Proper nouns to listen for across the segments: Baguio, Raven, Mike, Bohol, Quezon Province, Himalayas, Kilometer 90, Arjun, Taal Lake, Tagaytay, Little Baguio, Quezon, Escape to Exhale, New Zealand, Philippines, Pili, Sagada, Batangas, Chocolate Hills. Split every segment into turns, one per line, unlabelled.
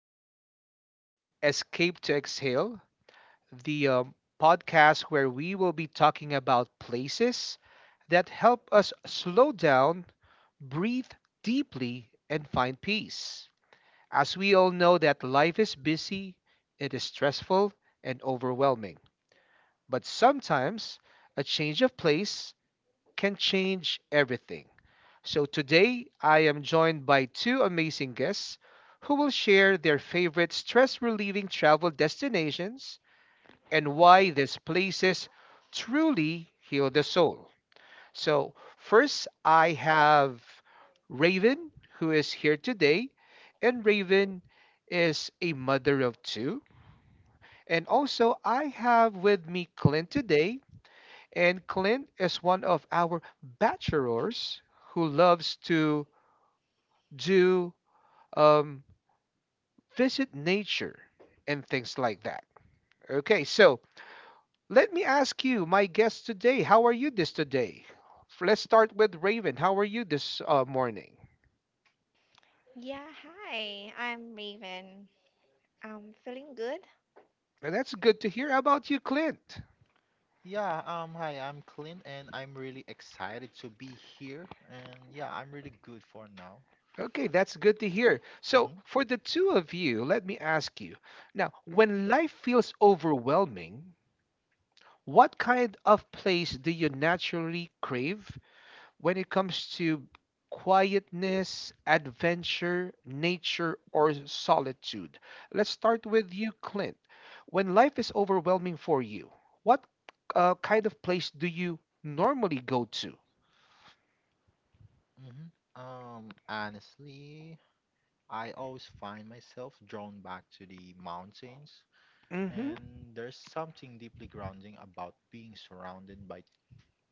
Welcome to Escape to Exhale, the podcast where we will be talking about places that help us slow down, breathe deeply, and find peace. As we all know, that life is busy, it is stressful and overwhelming. But sometimes a change of place can change everything. So today I am joined by two amazing guests who will share their favorite stress relieving travel destinations and why these places truly heal the soul. So, first I have Raven who is here today, and Raven is a mother of two. And also, I have with me Clint today, and Clint is one of our bachelors who loves to do um, visit nature and things like that. Okay, so let me ask you, my guest today, how are you this today? Let's start with Raven. How are you this morning?
Yeah, hi, I'm Raven. I'm feeling good.
And that's good to hear. How about you, Clint?
Yeah, Hi, I'm Clint, and I'm really excited to be here. And yeah, I'm really good for now.
Okay, that's good to hear. So,
hmm
for the two of you, let me ask you now, when life feels overwhelming, what kind of place do you naturally crave when it comes to quietness, adventure, nature, or solitude. Let's start with you, Clint. When life is overwhelming for you, what kind of place do you normally go to?
Honestly, I always find myself drawn back to the mountains,
Mm-hmm.
and there's something deeply grounding about being surrounded by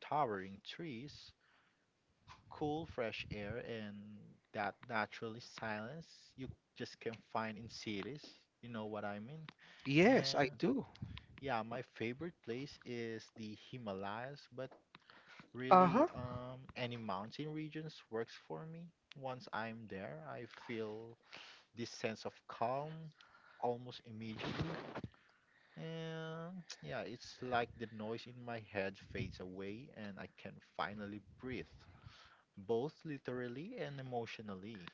towering trees, cool, fresh air, and that naturally silence you just can find in cities. You know what I mean?
Yes, I
And
do.
Yeah, my favorite place is the Himalayas, but really,
Uh-huh.
any mountain regions works for me. Once I'm there, I feel this sense of calm almost immediately. And yeah, it's like the noise in my head fades away and I can finally breathe, both literally and emotionally.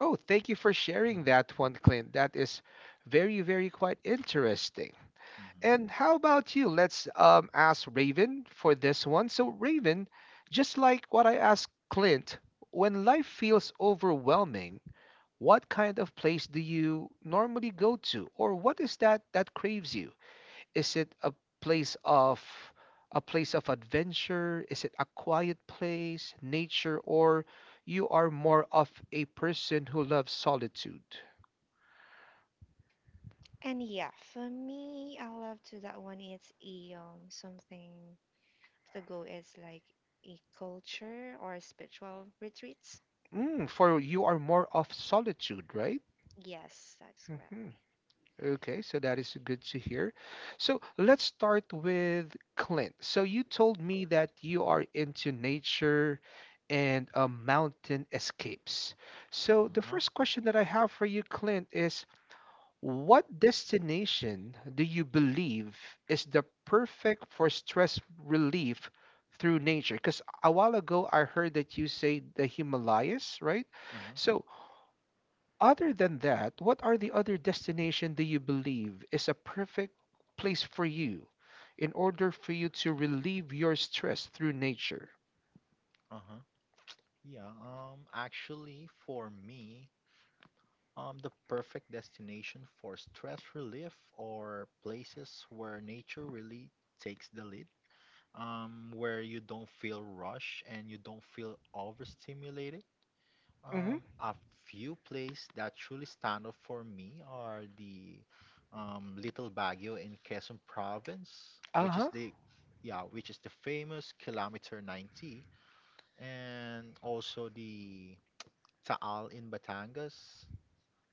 Oh, thank you for sharing that
Hmm
one, Clint. That is very, very quite interesting. And how
hmm
about you? Let's ask Raven for this one. So, Raven, just like what I asked Clint, when life feels overwhelming, what kind of place do you normally go to, or what is that that craves you? Is it place of a place of adventure? Is it a quiet place, nature, or you are more of a person who loves solitude?
And yeah, for me, I love to that one. It's a something to go is like a culture or spiritual retreats.
Mm, for you are more of solitude, right?
Yes, that's
Mhm.
correct.
Okay, so that is good to hear. So let's start with Clint. So you told me that you are into nature and mountain escapes. So the
Uh-huh.
first question that I have for you, Clint, is what destination do you believe is the perfect for stress relief through nature? Because a while ago I heard that you say the Himalayas, right?
Uh-huh.
So other than that, what are the other destination do you believe is a perfect place for you in order for you to relieve your stress through nature?
Uh-huh. Yeah, actually for me, the perfect destination for stress relief or places where nature really takes the lead, where you don't feel rushed and you don't feel overstimulated.
Mm-hmm.
A few places that truly stand out for me are the Little Baguio in Quezon Province, which
Uh-huh.
is the famous Kilometer 90, and also the Taal in Batangas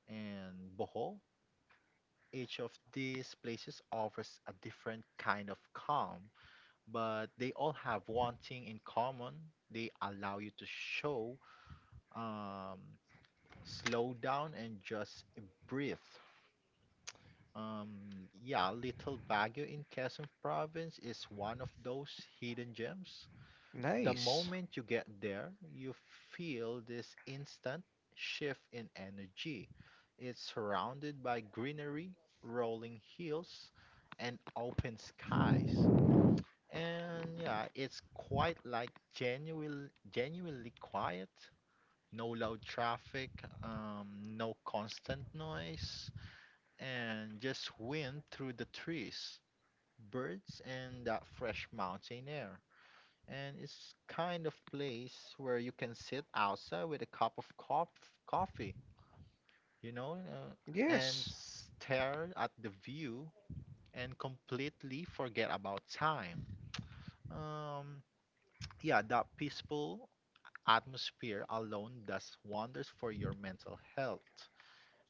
and Bohol. Each of these places offers a different kind of calm, but they all have one thing in common. They allow you to show, um, slow down, and just breathe. Yeah, Little Baguio in Quezon Province is one of those hidden gems. The
Nice.
moment you get there, you feel this instant shift in energy. It's surrounded by greenery, rolling hills, and open skies. And yeah, it's quite like genuinely quiet. No loud traffic, no constant noise, and just wind through the trees, birds, and that fresh mountain air, and it's kind of place where you can sit outside with a cup of coffee, you know, uh, and
Yes.
stare at the view and completely forget about time. Um, yeah, that peaceful atmosphere alone does wonders for your mental health.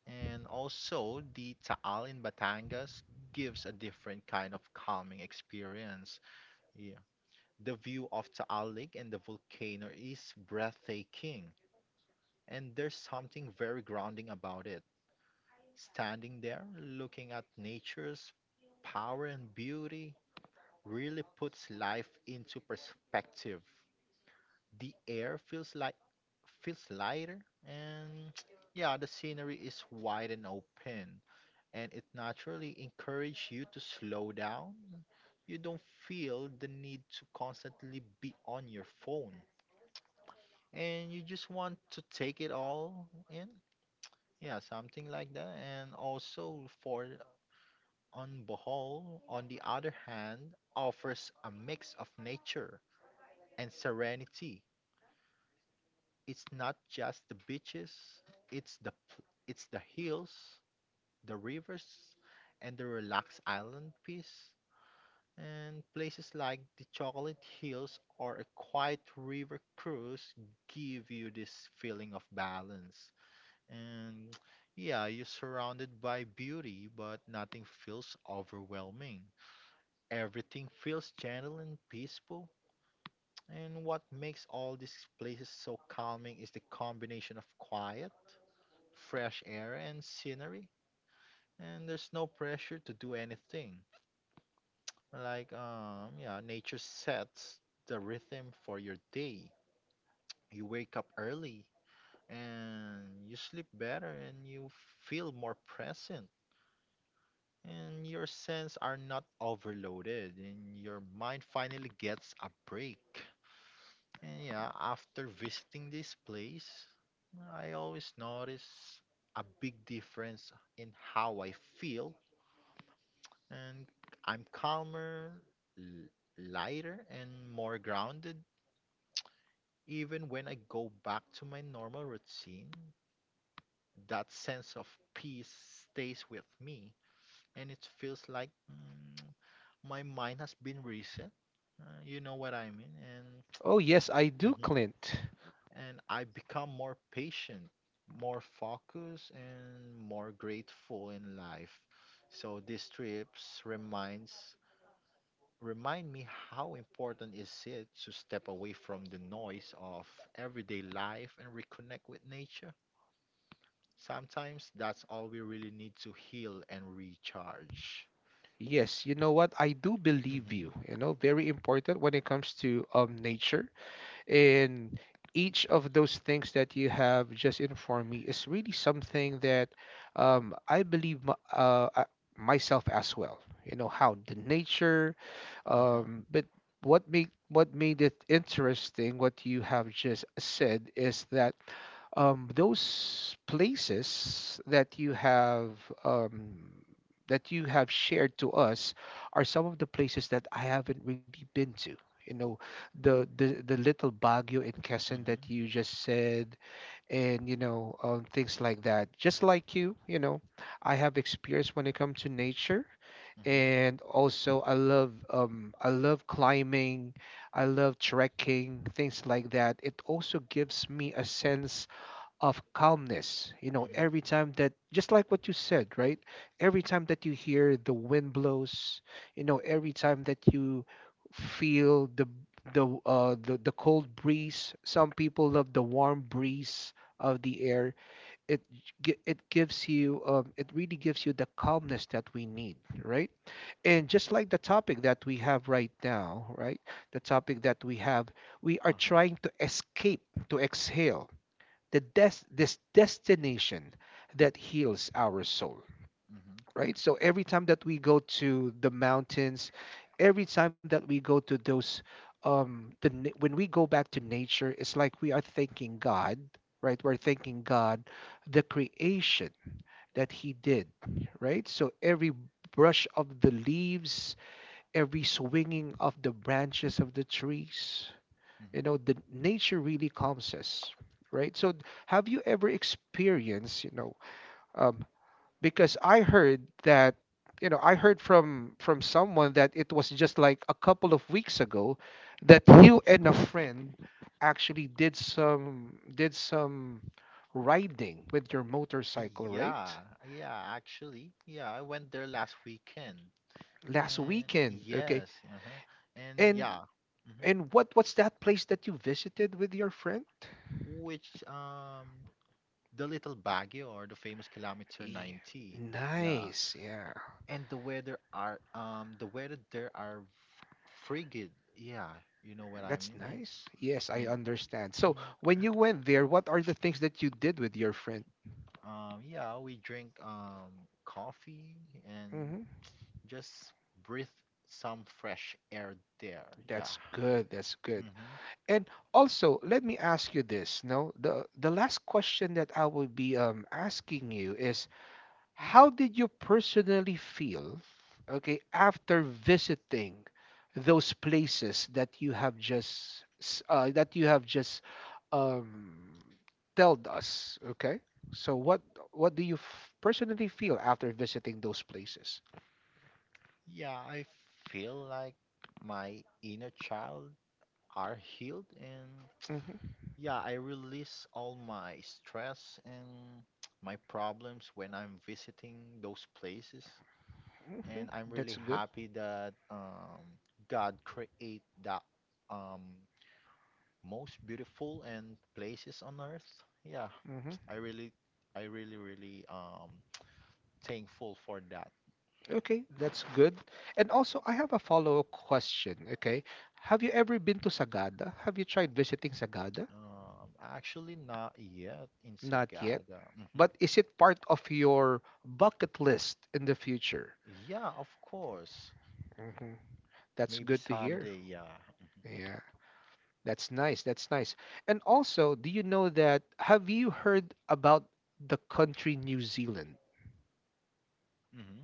And also, the Taal in Batangas gives a different kind of calming experience. Yeah. The view of Taal Lake and the volcano is breathtaking, and there's something very grounding about it. Standing there, looking at nature's power and beauty, really puts life into perspective. The air feels lighter, and yeah, the scenery is wide and open, and it naturally encourages you to slow down. You don't feel the need to constantly be on your phone, and you just want to take it all in. Yeah, something like that. And also for on Bohol, on the other hand, offers a mix of nature and serenity. It's not just the beaches, it's it's the hills, the rivers, and the relaxed island peace. And places like the Chocolate Hills or a quiet river cruise give you this feeling of balance. And yeah, you're surrounded by beauty, but nothing feels overwhelming. Everything feels gentle and peaceful. And what makes all these places so calming is the combination of quiet, fresh air, and scenery. And there's no pressure to do anything. Like, nature sets the rhythm for your day. You wake up early and you sleep better and you feel more present and your senses are not overloaded and your mind finally gets a break. And yeah, after visiting this place, I always notice a big difference in how I feel, and I'm calmer, l- lighter and more grounded even when I go back to my normal routine. That sense of peace stays with me and it feels like my mind has been reset. You know what I mean?
Oh, yes, I do,
Mhm,
Clint.
and I become more patient, more focused, and more grateful in life. So these trips remind me how important is it to step away from the noise of everyday life and reconnect with nature. Sometimes that's all we really need to heal and recharge.
Yes, you know what? I do believe
Mm-hmm.
you. You know, very important when it comes to nature. And each of those things that you have just informed me is really something that I believe my, myself as well. You know how the nature,
Uh-huh.
but what made it interesting, what you have just said, is that those places um, that you have shared to us are some of the places that I haven't really been to. You know, the little Baguio in Quezon
Mm-hmm.
that you just said, and you know, things like that. Just like you know, I have experience when it comes to nature,
Mm-hmm.
and also I love climbing, I love trekking, things like that. It also gives me a sense of calmness. You know,
Mm-hmm.
every time that, just like what you said, right? Every time that you hear the wind blows, you know, every time that you feel the the cold breeze. Some people love the warm breeze of the air. It it gives you it really gives you the calmness that we need, right? And just like the topic that we have right now, right? The topic that we have, we are
Uh-huh.
trying to escape, to exhale this destination that heals our soul,
Mm-hmm.
right? So every time that we go to the mountains, every time that we go to those when we go back to nature, it's like we are thanking God, right? We're thanking God, the creation that He did, right? So every brush of the leaves, every swinging of the branches of the trees, you
Mm-hmm.
know, the nature really calms us, right? So have you ever experienced, you know, um, because I heard that, you know, I heard from someone that it was just like a couple of weeks ago that you and a friend actually did some riding with your motorcycle, right?
Yeah, actually, I went there last weekend.
Last
And
weekend, okay.
yes, uh-huh. And
and
yeah, hmm.
and what what's that place that you visited with your friend?
Which The little Baguio or the famous kilometer
Yeah.
90. Yeah.
Nice. Yeah.
And the weather there are frigid. Yeah, you know what I
That's
mean? And
nice. Yes, I
and
understand. So,
mhm,
when you went there, what are the things that you did with your friend?
yeah, we drink coffee and
Hmm.
just breathe some fresh air there. Yeah.
That's good. That's good.
hmm.
And also, let me ask you this. No, the last question that I will be asking you is, how did you personally feel, okay, after visiting those places that you have just that you have just um, told us? Okay, so what do you personally feel after visiting those places?
Yeah, I feel like my inner child are healed, and
Hmm.
yeah, I release all my stress and my problems when I'm visiting those places.
Hmm.
And I'm really
That's good.
happy that God create that um, most beautiful and places on earth. Yeah,
Hmm.
I really, I really, really thankful for that.
Okay, that's good. And also, I have a follow-up question. Okay, have you ever been to Sagada? Have you tried visiting Sagada?
Actually, not yet in
Not yet.
Sagada. hmm.
But is it part of your bucket list in the future?
Yeah, of course.
Hmm. That's
Maybe
good to hear.
someday. Yeah.
Yeah, that's nice. That's nice. And also, do you know that? Have you heard about the country New Zealand?
Mm-hmm.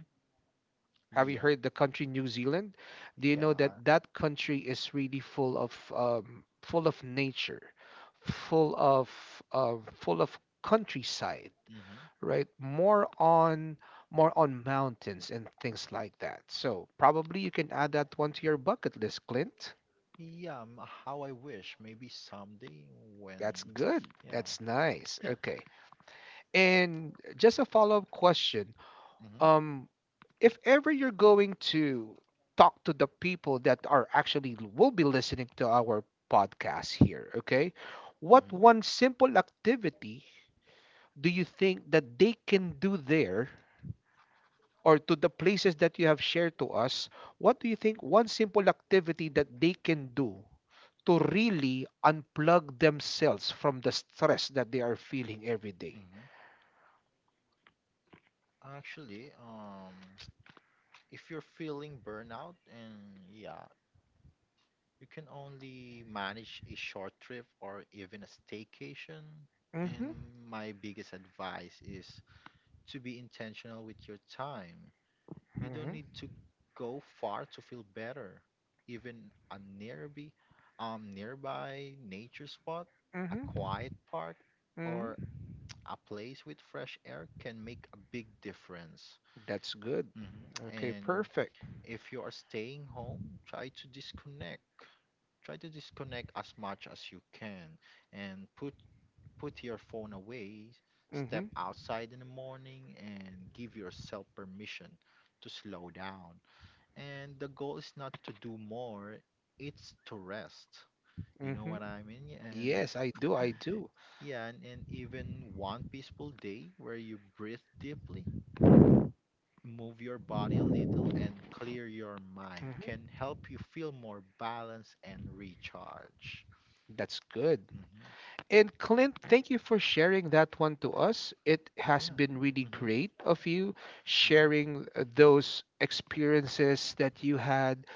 Have you
Yeah.
heard the country New Zealand? Do you know
Yeah.
that that country is really full of nature, full of full of countryside?
Mm-hmm.
Right? More on mountains and things like that. So probably you can add that one to your bucket list, Clint.
Yeah. How I wish. Maybe someday when.
That's good.
Yeah.
That's nice. Okay. And just a follow-up question.
Mm-hmm.
Um, if ever you're going to talk to the people that are actually will be listening to our podcast here, okay? What one
Mm-hmm.
simple activity do you think that they can do there or to the places that you have shared to us, what do you think one simple activity that they can do to really unplug themselves from the stress that they are feeling every day?
hmm. Actually, um, if you're feeling burnout, and yeah, you can only manage a short trip or even a staycation.
Mm-hmm.
And my biggest advice is to be intentional with your time. You don't
Mm-hmm.
need to go far to feel better. Even a nearby, nearby nature spot, a
Mm-hmm.
quiet park, or
Mm-hmm.
a place with fresh air can make a big difference.
That's good.
hmm.
Okay,
And
perfect.
if you are staying home, try to disconnect as much as you can and put your phone away, step
Mm-hmm.
outside in the morning and give yourself permission to slow down. And the goal is not to do more, it's to rest. You know
Mm-hmm.
what I mean? And
Yes, I do. I do.
yeah, and, and even one peaceful day where you breathe deeply, move your body a little, and clear your mind can
Mm-hmm.
help you feel more balanced and recharge.
That's good. And Clint, thank you for sharing that one to us. It has
Yeah.
been really
Mm-hmm.
great of you
Mm-hmm.
sharing those experiences that you had,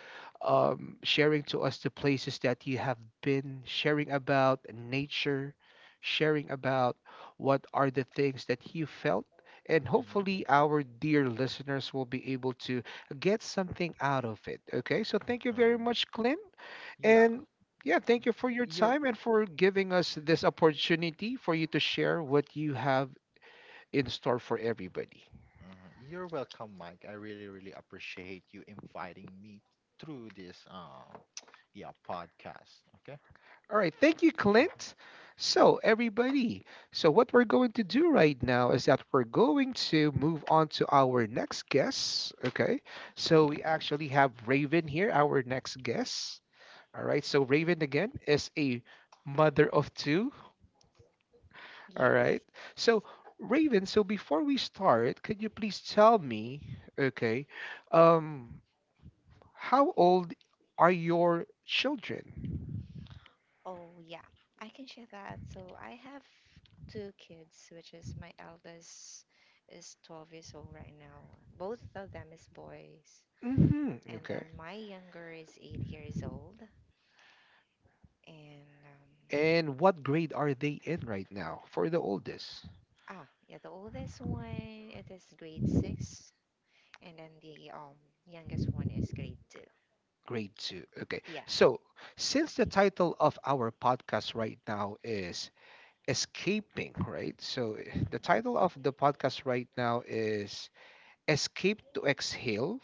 sharing to us the places that you have been, sharing about nature, sharing about what are the things that you felt. And
Mm-hmm.
hopefully, our dear listeners will be able to get something out of it. Okay, so thank you very
Uh,
much, Clint.
yeah.
And yeah,
Y-
thank you for your
You're
time and for giving us this opportunity for you to share what you have in store for everybody.
you're welcome, Mike. I really, really appreciate you inviting me through this yeah podcast. Okay.
All right, thank you, Clint. So, everybody, so what we're going to do right now is that we're going to move on to our next guest. Okay, so we actually have Raven here, our next guest. All right, so Raven again is a mother of two. All
Yes.
right. So, Raven, so before we start, could you please tell me, okay, um, how old are your children?
Oh, yeah. I can share that. So I have two kids, which is my eldest is 12 years old right now. Both of them is boys.
Hmm.
And
Okay.
then my younger is 8 years old. And um,
And what grade are they in right now for the oldest?
Yeah, the oldest one it is grade six, and then the youngest one is grade two.
Grade two. Okay.
Yeah.
So, since the title of our podcast right now is Escaping, right? So, the title of the podcast right now
Mm-hmm.
is Escape to Exhale,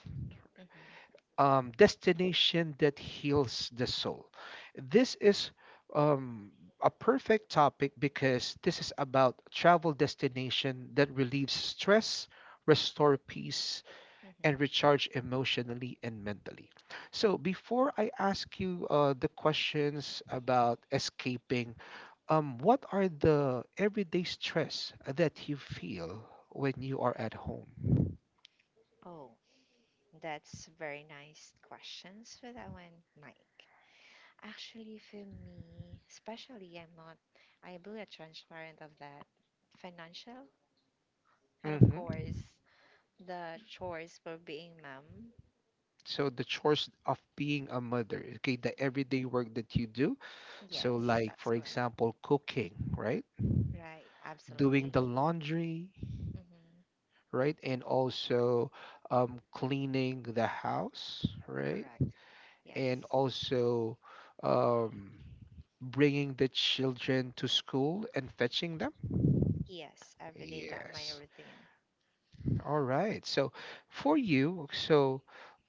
Mm-hmm.
destination that heals the soul. This is um, a perfect topic because this is about travel destination that relieves stress, restore peace, and recharge
Mm-hmm.
emotionally and mentally. So before I ask you the questions about escaping, what are the everyday stress that you feel when you are at home?
Oh, that's very nice questions for that one, Mike. Actually, for me, especially, I'm not I believe transparent of that financial, and of course, the chores for being mom.
So the chores of being a mother, okay, the everyday work that you do. So
Yes,
like,
that's
for
correct.
example, cooking, right?
Right,
Doing
absolutely.
the laundry,
Hmm.
right? And also, cleaning the house, right?
Correct.
And
Yes.
also, um, bringing the children to school and fetching them.
Yes, every day that my
Yes.
routine.
All right. So for you, so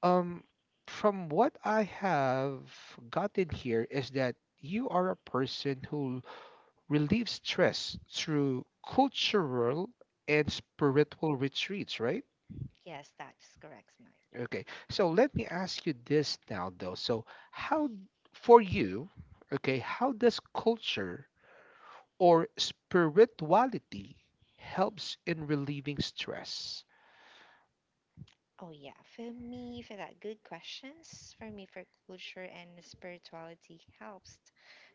um from what I have gotten here is that you are a person who relieves stress through cultural and spiritual retreats, right?
Yes, that's correct, Mike.
Okay. So let me ask you this now though. So how for you, okay, how does culture or spirituality helps in relieving stress?
Oh yeah, for me, for that good questions, for me, for culture and spirituality helps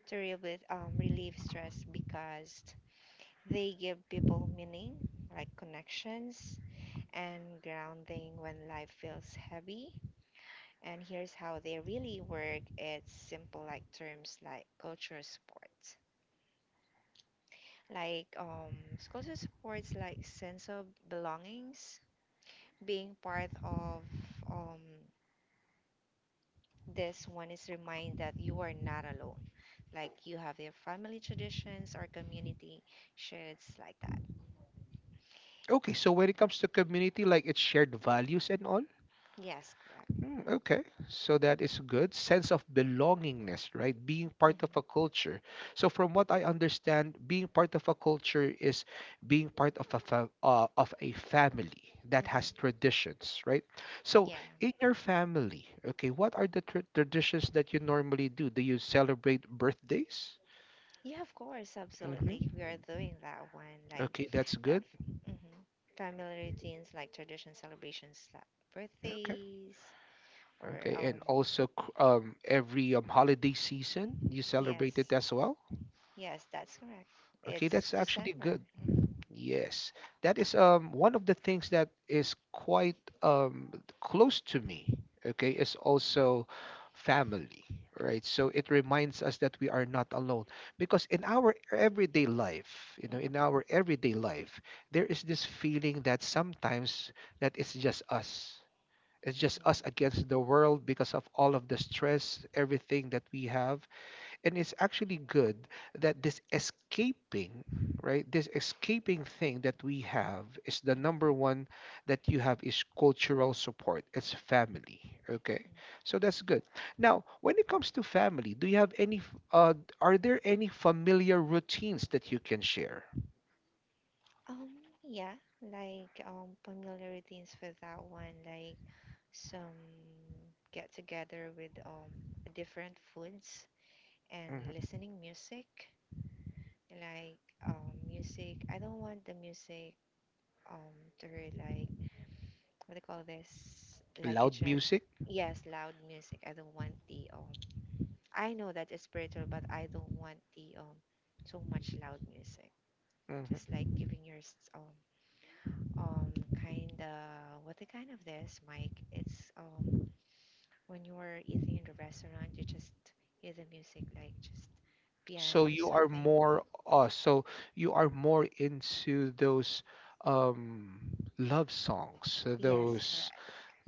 to relieve stress because they give people meaning, like connections and grounding when life feels heavy. And here's how they really work, it's simple, like terms, like like um culture supports like sense of belongings, being part of um this one is remind that you are not alone, like you have your family traditions or community shares like that.
Okay, so when it comes to community, like it's shared values and all.
Yes, correct.
Hmm, okay, so that is good. Sense of belongingness, right? Being part of a
Mm-hmm.
culture. So from what I understand, being part of a culture is being part of a of a family that has
Mm-hmm.
traditions, right? So
yeah
in your family, okay, what are the traditions that you normally do? Do you celebrate birthdays?
Yeah, of course,
Hmm.
absolutely. We are doing that one, like
Okay, that's
that
good.
f- mhm. family routines, like tradition celebrations, like
Okay.
birthdays, or
Okay, and also every holiday season you celebrate it
yes,
as well.
yes, that's correct.
Okay,
It's
that's actually
December.
good.
Hmm.
Yes, that is one of the things that is quite close to me. Okay, is also family, right? So it reminds us that we are not alone because in our everyday life,
Hmm.
in our
Hmm.
everyday life, there is this feeling that sometimes that it's just us against the world because of all of the stress, everything that we have. And it's actually good that this escaping, right? This escaping thing that we have is the number one that you have is cultural support. It's family. Okay.
Mhm.
So that's good. Now, when it comes to family, do you have any, are there any familiar routines that you can share?
Um, yeah, like familiar routines for that one, like some get together with different foods and
Mhm.
listening music, like music. I don't want the music to hear, like, what do you call this, like a
Loud music?
yes, loud music. I don't want the I know that it's spiritual, but I don't want the so much loud music, just
Mm-hmm.
like giving your um kind of, what the kind of this mic, it's when you are eating in the restaurant, you just hear the music, like just piano
So
or something.
you are more into those um love songs,
Yes, correct.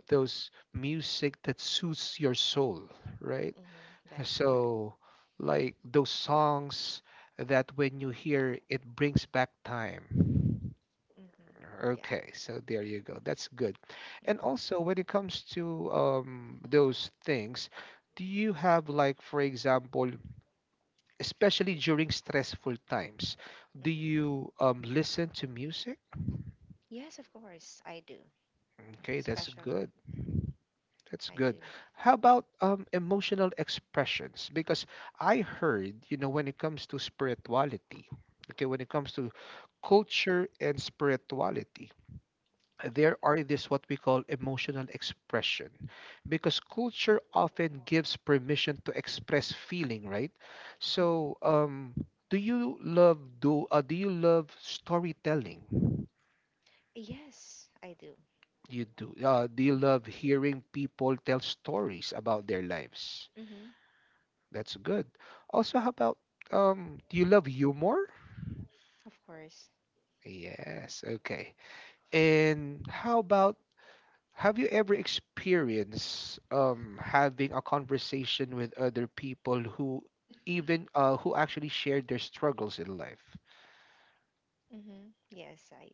those music that suits your soul, right?
Hmm. That's correct.
So like those songs that when you hear it brings back time.
Hmm. Yeah.
Okay, so there you go. That's good. And
Hmm.
also when it comes to those things, do you have like for example especially during stressful times. Do
Hmm.
you listen to music?
Yes, of course, I do.
Okay, that's
Special.
good.
Hmm.
That's
I do.
good. How about emotional expressions? Because I heard, you know, when it comes to spirituality, okay, when it comes to culture and spirituality, there are this what we call emotional expression because culture often gives permission to express feeling right so
Hmm.
do you love do you love storytelling?
Yes, I do.
You do, do you love hearing people tell stories about their lives?
Hmm.
That's good. Also how about do you love humor?
Of course.
Yes, okay. And how about have you ever experienced having a conversation with other people who even who actually shared their struggles in life?
Mm-hmm. Yes, I.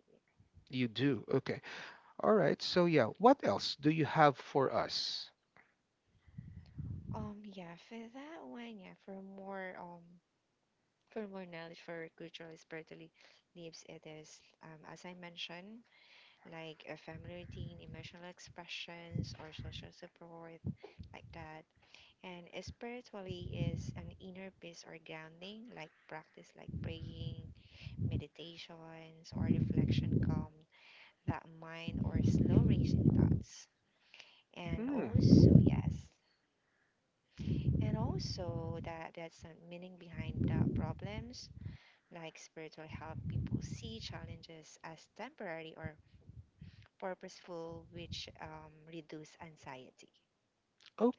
You do. Okay. All right. So yeah, what else do you have for us?
yeah, for that one, yeah, for more knowledge for cultural spiritually leaves, it is as I mentioned, like a family routine, emotional expressions or social support like that. And spiritually is an inner peace or grounding, like practice like praying, meditations or reflection calm that mind or slow racing thoughts. And
Hmm.
also, yes, and also, that there's some meaning behind the problems, like spiritual help people see challenges as temporary or purposeful, which reduce anxiety.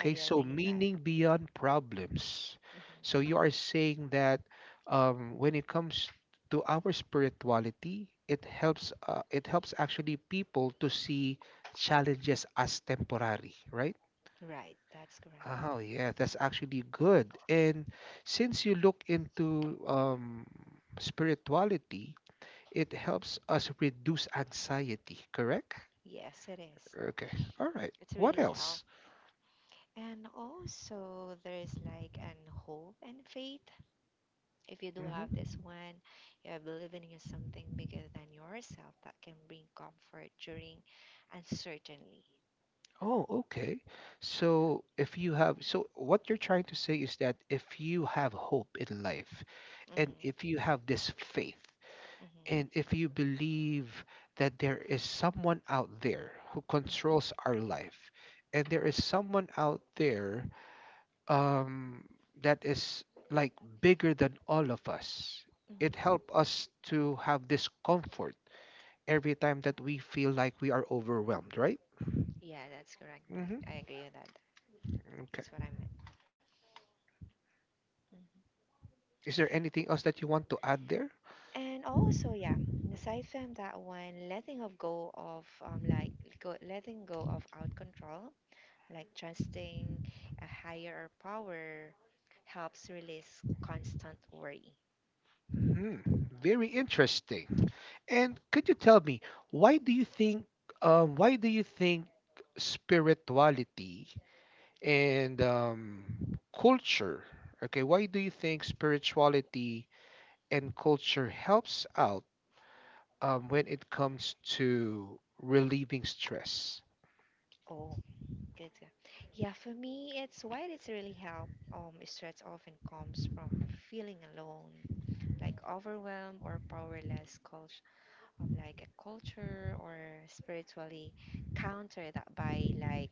Are you
So
agree in that?
meaning beyond problems. So you
Hmm.
are saying that when it comes to our spirituality, it helps. It helps actually people to see challenges as temporary, right?
Right, that's correct.
Oh yeah, that's actually good. And since you look into spirituality, it helps us reduce anxiety, correct?
Yes, it is.
Okay. All right.
It's
What
really help.
else?
And also there's like an hope and faith. If you do have this
Hmm.
one, you believe in something bigger than yourself that can bring comfort during uncertainty.
Oh, okay.
Yeah.
So if you have, so what you're trying to say is that if you have hope in life and
Mhm,
if you have this faith,
mhm,
and if you believe that there is someone out there who
mm,
controls our life, and there is someone out there, um, that is like bigger than all of us, it helps
mhm.
us to have this comfort every time that we feel like we are overwhelmed, right?
Yeah, that's correct, Mike. I
Hmm.
agree with that.
Okay.
That's what I meant. Mhm.
Is there anything else that you want to add there?
And also, yeah, aside from that one, letting go of out control, like trusting a higher power helps release constant worry.
Hmm, very interesting. And could you tell me why do you think, um, why do you think spirituality and culture? Okay, why do you think spirituality and culture helps out, when it comes to relieving stress?
Oh, good. Yeah, Yeah, for me, it's why it's really help. Stress often comes from feeling alone, like overwhelmed or powerless. Culture, like a culture or spiritually counter that by like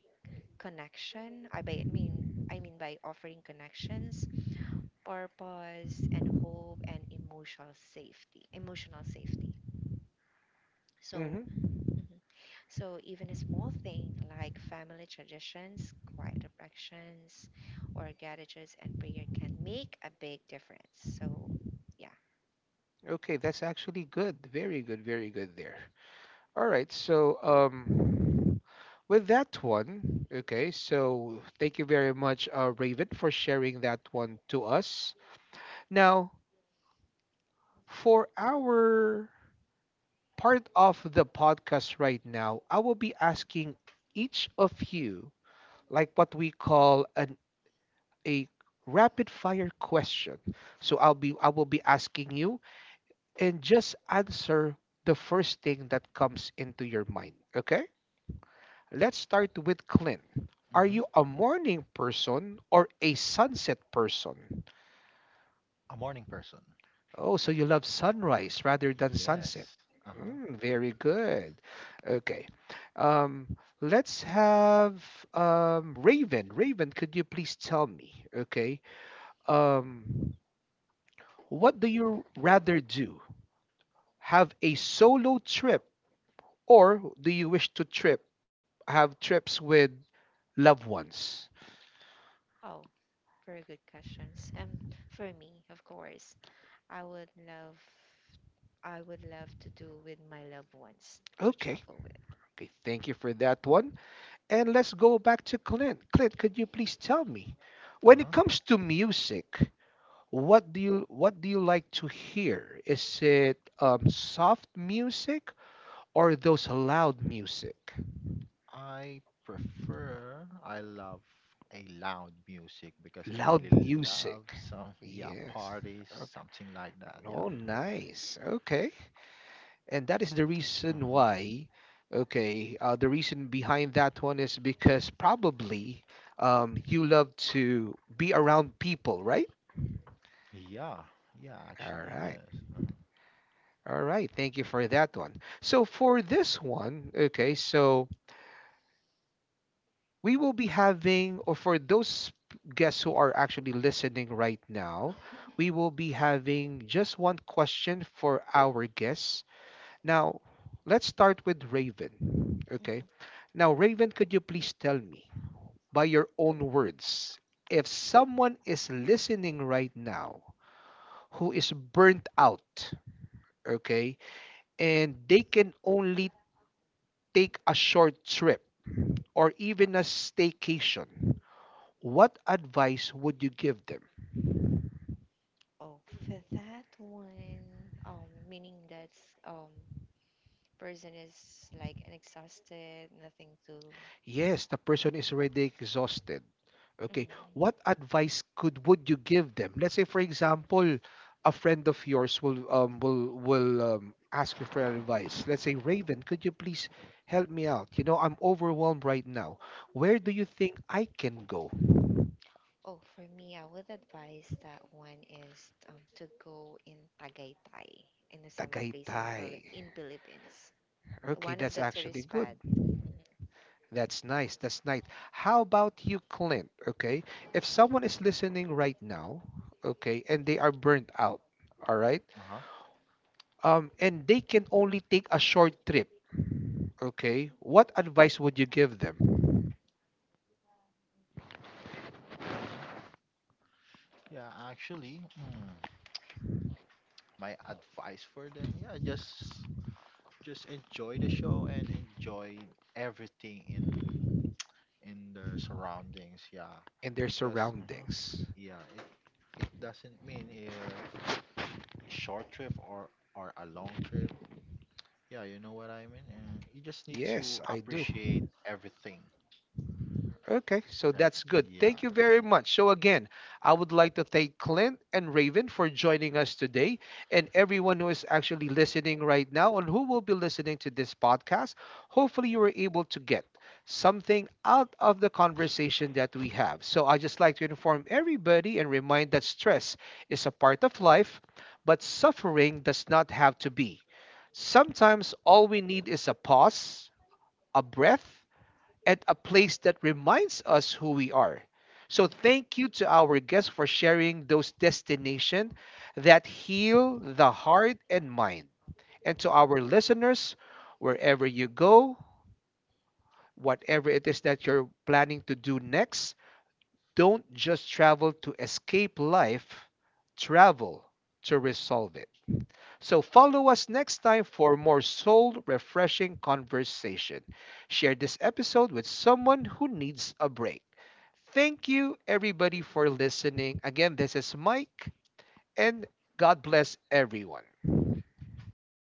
connection. I mean by offering connections, purpose, and hope, and emotional safety. Emotional safety. So.
Hmm.
Mhm. So even a small thing like family traditions, quiet reflections, or gratitudes and prayer can make a big difference. So yeah.
Okay, that's actually good. Very good. Very good there. All right. So, with that one, okay. So, thank you very much, Raven, for sharing that one to us. Now, for our part of the podcast right now, I will be asking each of you, like what we call an a rapid fire question. So, I will be asking you, and just answer the first thing that comes into your mind. Okay. Let's start with Clint. Are you
Mm-hmm.
a morning person or a sunset person?
A morning person.
Oh, so you love sunrise rather than sunset.
Yes. Uh-huh.
Mm, very good. Okay. Let's have Raven. Raven, could you please tell me? Okay. Um, what do you rather do? Have a solo trip, or do you wish to trip? Have trips with loved ones?
Oh, very good questions. For me, of course, I would love, I would love to do with my loved ones to
Okay.
travel with.
Okay. Thank you for that one. And let's go back to Clint. Clint, could you please tell me, when it
Uh-huh.
comes to music, what do you like to hear? Is it soft music or those loud music?
I love a loud music because I
Loud
really love
music.
some yeah
Yes.
parties,
Okay.
something like that. Yeah.
Oh, nice. Okay. And that is the
Uh
reason
huh.
why. Okay. The reason behind that one is because probably you love to be around people, right?
Yeah, yeah,
All
actually,
right.
yes. Uh-huh.
All right, thank you for that one. So for this one, okay, so we will be having, or for those guests who are actually listening right now, we will be having just one question for our guests. Now, let's start with Raven. Okay.
Mhm.
Now, Raven, could you please tell me, by your own words, if someone is listening right now who is burnt out, okay, and they can only take a short trip or even a staycation, what advice would you give them?
Oh, for that one, meaning that um person is like exhausted, nothing to.
Yes, the person is already exhausted. Okay,
Mhm.
what advice could would you give them? Let's say, for example, a friend of yours will ask you for advice. Let's say, Raven, could you please help me out? You know, I'm overwhelmed right now. Where do you think I can go?
Oh, for me, I would advise that one is to go in Tagaytay, in a summer place in
Tagaytay.
Philippines.
Okay,
One of
that's
the tourist
actually good.
spot.
That's nice. That's nice. How about you, Clint? Okay. If someone is listening right now, okay, and they are burnt out, all right,
Uh-huh.
and they can only take a short trip, okay, what advice would you give them
uh-huh. Yeah, actually, my advice for them, yeah, just enjoy the show and enjoy everything in their surroundings, yeah.
in their
Because
surroundings?
yeah, it it doesn't mean if short trip or a long trip. Yeah, you know what I mean? And you just need to
Yes, I do.
appreciate everything.
Okay, so that's
Everything.
good. Thank you very
Yeah.
much. So, again, I would like to thank Clint and Raven for joining us today and everyone who is actually listening right now and who will be listening to this podcast. Hopefully, you were able to get something out of the conversation that we have. So, I just like to inform everybody and remind that stress is a part of life, but suffering does not have to be. Sometimes all we need is a pause, a breath, at a place that reminds us who we are. So
Mhm.
thank you to our guests for sharing those destinations that heal the heart and mind. And to our listeners, wherever you go, whatever it is that you're planning to do next, don't just travel to escape life, travel to resolve it. So follow us next time for more soul refreshing conversation. Share this episode with someone who needs a break. Thank you, everybody, for listening. Again, this is Mike, and God bless everyone.
Thank